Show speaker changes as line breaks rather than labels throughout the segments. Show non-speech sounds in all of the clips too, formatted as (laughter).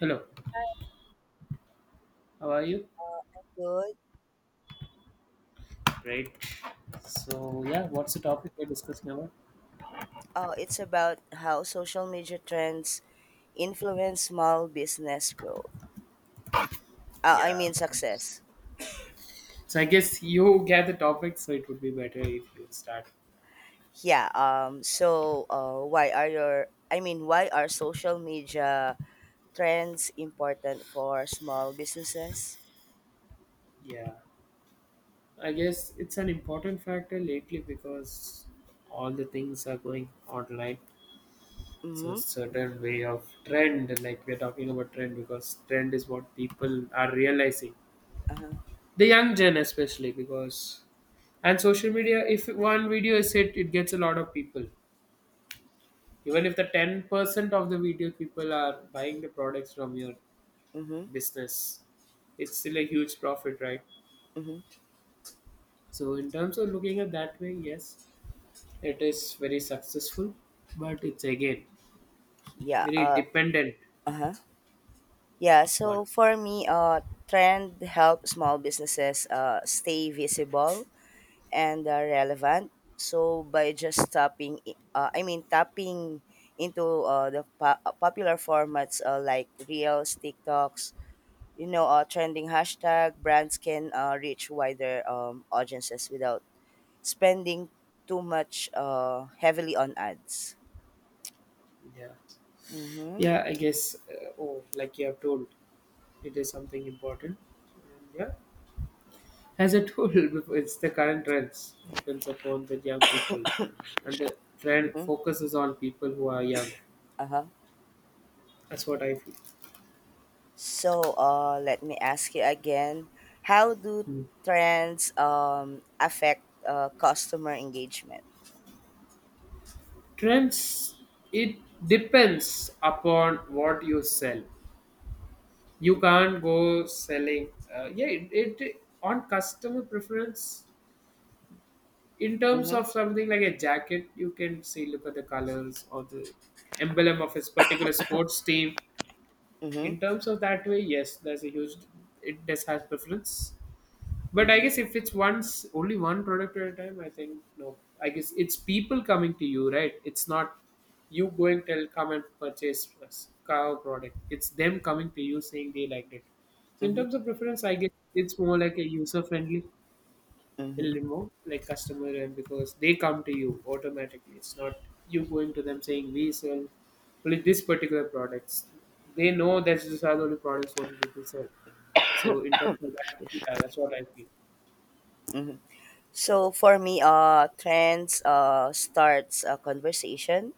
Hello, how are you?
Good.
Great. So, yeah, what's the topic we're discussing about?
It's about how social media trends influence small business growth. I
Yeah.
mean success.
So, I guess you get the topic, so it would be better if you start.
Yeah. Why are your? I mean, Why are social media trends important for small businesses?
Yeah. I guess it's an important factor lately because all the things are going online. So,
Mm-hmm.
certain way of trend, like we're talking about trend, because trend is what people are realizing.
Uh-huh.
The young gen, especially, because and social media, if one video is hit, it gets a lot of people. Even if the 10% of the video people are buying the products from your
Mm-hmm.
business, it's still a huge profit, right?
Mm-hmm.
So in terms of looking at that way, yes, it is very successful, but it's again
Yeah.
very
Uh.
dependent.
Uh-huh. Yeah. So
One.
for me, trend help small businesses stay visible and relevant. So by just tapping into the popular formats like Reels, TikToks, trending hashtag, brands can reach wider audiences without spending too much heavily on ads.
Yeah,
Mm-hmm.
yeah, I guess, oh, like you have told, it is something important. And yeah, as I told (laughs) before, it's the current trends depends upon the young people, and the trend
Mm-hmm.
focuses on people who are young.
Uh-huh.
That's what I feel.
So let me ask you again. How do trends affect customer engagement?
Trends, it depends upon what you sell. You can't go selling. Yeah, it on customer preference. In terms
Mm-hmm.
of something like a jacket, you can see, look at the colors or the emblem of his particular sports team.
Mm-hmm.
In terms of that way, yes, there's a huge. It does have preference. But I
Mm-hmm.
guess if it's once only one product at a time, I think no. I guess it's people coming to you, right? It's not you going tell come and purchase us our product. It's them coming to you saying they liked it. So in
Mm-hmm,
terms of preference, I guess it's more like a user friendly, a
mm-hmm,
little more like customer, and because they come to you automatically. It's not you going to them saying we sell only this particular products. They know that these are the only products what people sell. So in terms of that, yeah, that's what I feel.
mm-hmm. So for me, trends starts a conversation.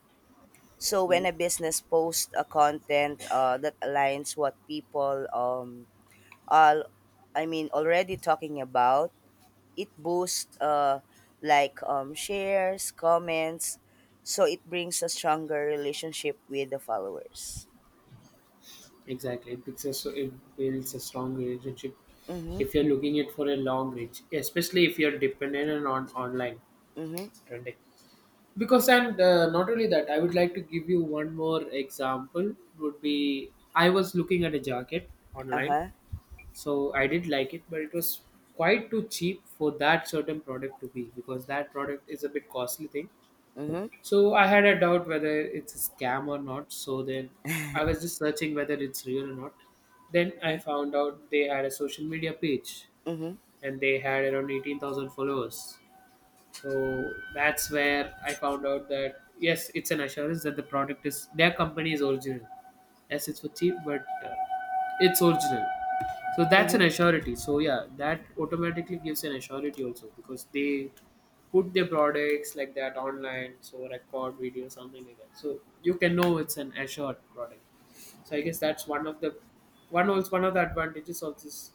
So when a
Mhm.
business posts a content that aligns what people all I mean already talking about, it boosts shares, comments. So it brings a stronger relationship with the followers.
Exactly, it builds a, so it builds a strong relationship
Mm-hmm.
if you're looking it for a long reach, especially if you're dependent on online
Mm-hmm.
trending. Because and not only that, I would like to give you one more example. Would be I was looking at a jacket online,
Uh-huh.
so I did like it, but it was quite too cheap for that certain product to be, because that product is a bit costly thing,
Mm-hmm.
so I had a doubt whether it's a scam or not. So then I was just searching whether it's real or not. Then I
Uh-huh.
found out they had a social media page,
Mm-hmm.
and they had around 18,000 followers. So that's where I found out that yes, it's an assurance that the product is, their company is original. Yes, it's for cheap, but it's original. So that's an
Mm-hmm.
assurity. So yeah, that automatically gives an assurity also, because they put their products like that online, so record video something like that, so you can know it's an assured product. So I guess that's one of the, one also one of the advantages of this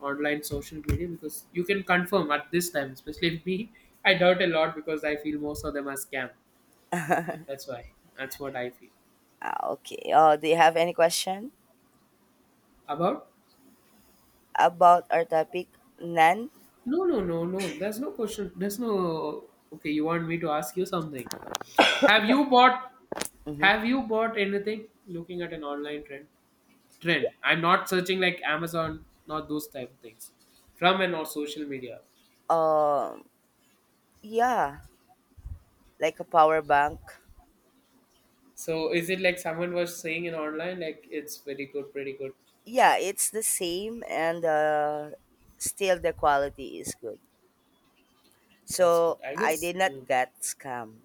online social media, because you can confirm at this time, especially with me, I doubt a lot because I feel most of them are scam. That's why. That's what I feel.
Ah, okay. Do you have any question?
About?
About our topic, NAN.
No, no, no, no. There's no question. There's no. Okay, you want me to ask you something? Have you bought?
Mm-hmm.
Have you bought anything? Looking at an online trend. Trend. I'm not searching like Amazon. Not those type of things. From and or social media.
Um, yeah, like a power bank.
So is it like someone was saying in online like it's very good, pretty good.
Yeah, it's the same, and still the quality is good.
That's good.
So
I
I
guess.
did not
Mm.
get scam.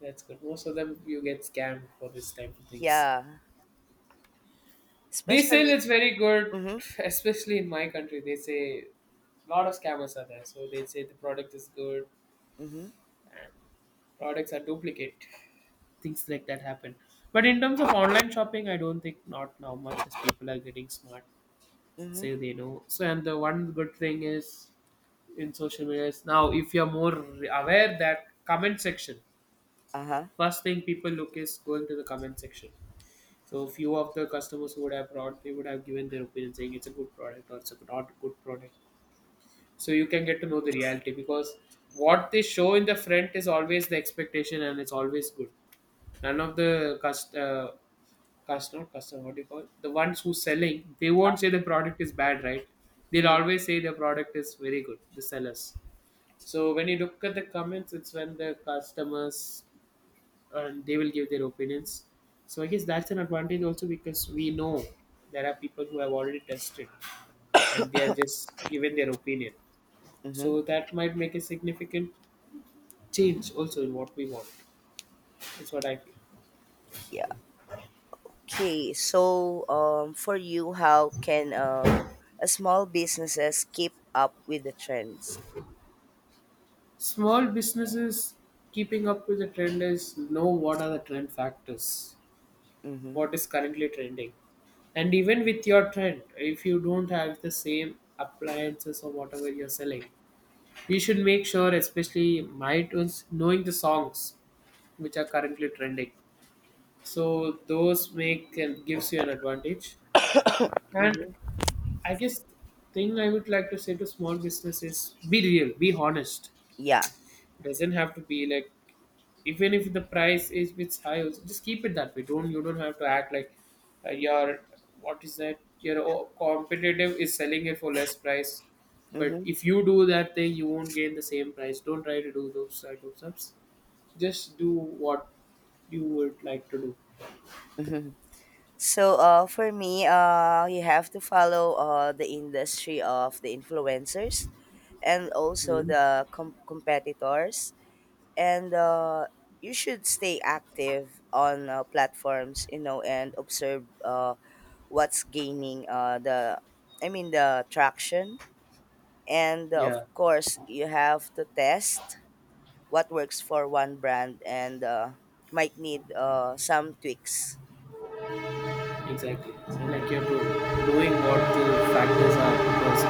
That's good. Most of them you get scammed for this type of things.
Yeah,
They sell
especially.
it's very good,
Mm-hmm.
(laughs) especially in my country. They say a lot of scammers are there, so they say the product is good
Mm-hmm.
and products are duplicate. Things like that happen. But in terms of online shopping, I don't think not now much as people are getting smart,
Mm-hmm.
say they know. So and the one good thing is in social media is now if you're more aware that comment section,
Uh-huh, Uh
first thing people look is going to the comment section. So few of the customers who would have brought, they would have given their opinion saying it's a good product or it's a not good product. So you can get to know the reality, because what they show in the front is always the expectation and it's always good. None of the customer, what do you call it? The ones who selling, they
huh.
won't say the product is bad, right? They'll
Mm-hmm.
always say the product is very good. The sellers. So when you look at the comments, it's when the customers, and they will give their opinions. So I guess that's an advantage also, because we know there are people who have already tested, and they are just given their opinion.
Mm-hmm.
So that might make a significant change also in what we want. That's what I feel.
Yeah. Okay. So, for you, how can a small businesses keep up with the trends?
Small businesses keeping up with the trend is know what are the trend factors,
Mm-hmm.
what is currently trending. And even with your trend, if you don't have the same appliances or whatever you're selling, you should make sure, especially my tunes, knowing the songs which are currently trending. So those make and gives you an advantage. And
Mm-hmm.
I guess thing I would like to say to small business is be real, be honest,
Yeah.
doesn't have to be like, even if the price is bit high also, just keep it that way. Don't, you don't have to act like your, what is that, your competitive is selling it for less price. But
Mm-hmm.
if you do that thing, you won't gain the same price. Don't try to do those type of stuffs. Just do what you would like to do.
Mm-hmm. So, for me, you have to follow the industry of the influencers and also
Mhm.
the competitors, and you should stay active on platforms, and observe what's gaining the traction, and of
Yeah.
course, you have to test what works for one brand and might need some tweaks.
Exactly.
Mm-hmm.
Like you're knowing what the factors are, because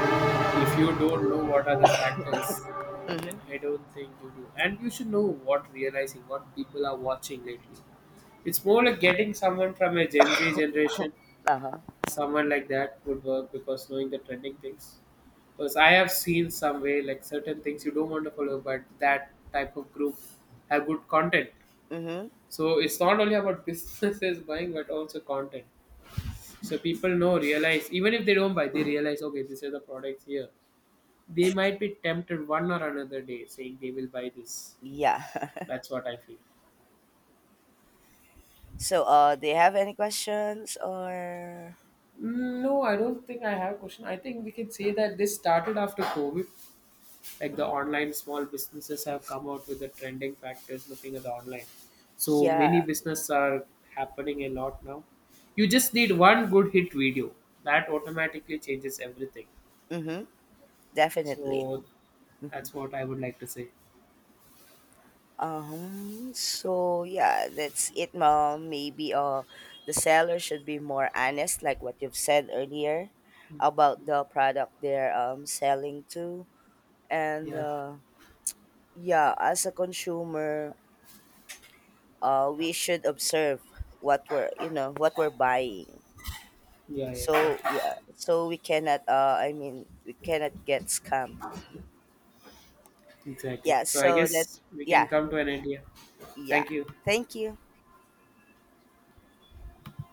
if you don't know what are the factors, then
Mm-hmm.
I don't think you do. And you should know what, realizing what people are watching lately. It's more like getting someone from a Gen Z generation,
Uh-huh.
someone like that would work, because knowing the trending things. Because I have seen some way like certain things you don't want to follow, but that type of group have good content.
Mm-hmm.
So it's not only about (laughs) businesses buying, but also content. So people know, realize, even if they don't buy, they realize, okay, these are the products here. They might be tempted one or another day saying they will buy this.
Yeah.
That's what I feel.
(laughs) So, do you have any questions or?
No, I don't think I have a question. I think we can say that this started after COVID. Like the online small businesses have come out with the trending factors looking at the online. So
Yeah.
many businesses are happening a lot now. You just need one good hit video. That automatically changes everything.
Mm-hmm. Definitely.
So that's what I would like to say.
So yeah, that's it, mom. Maybe the seller should be more honest, like what you've said earlier,
Mm.
about the product they're selling to, and
Yeah.
yeah, as a consumer, we should observe what we're buying.
Yeah, yeah,
So
yeah.
yeah, so we cannot we cannot get scammed.
Exactly.
Yeah,
So I
so that,
guess we can
yeah,
come to an idea.
yeah,
Thank you.
thank you.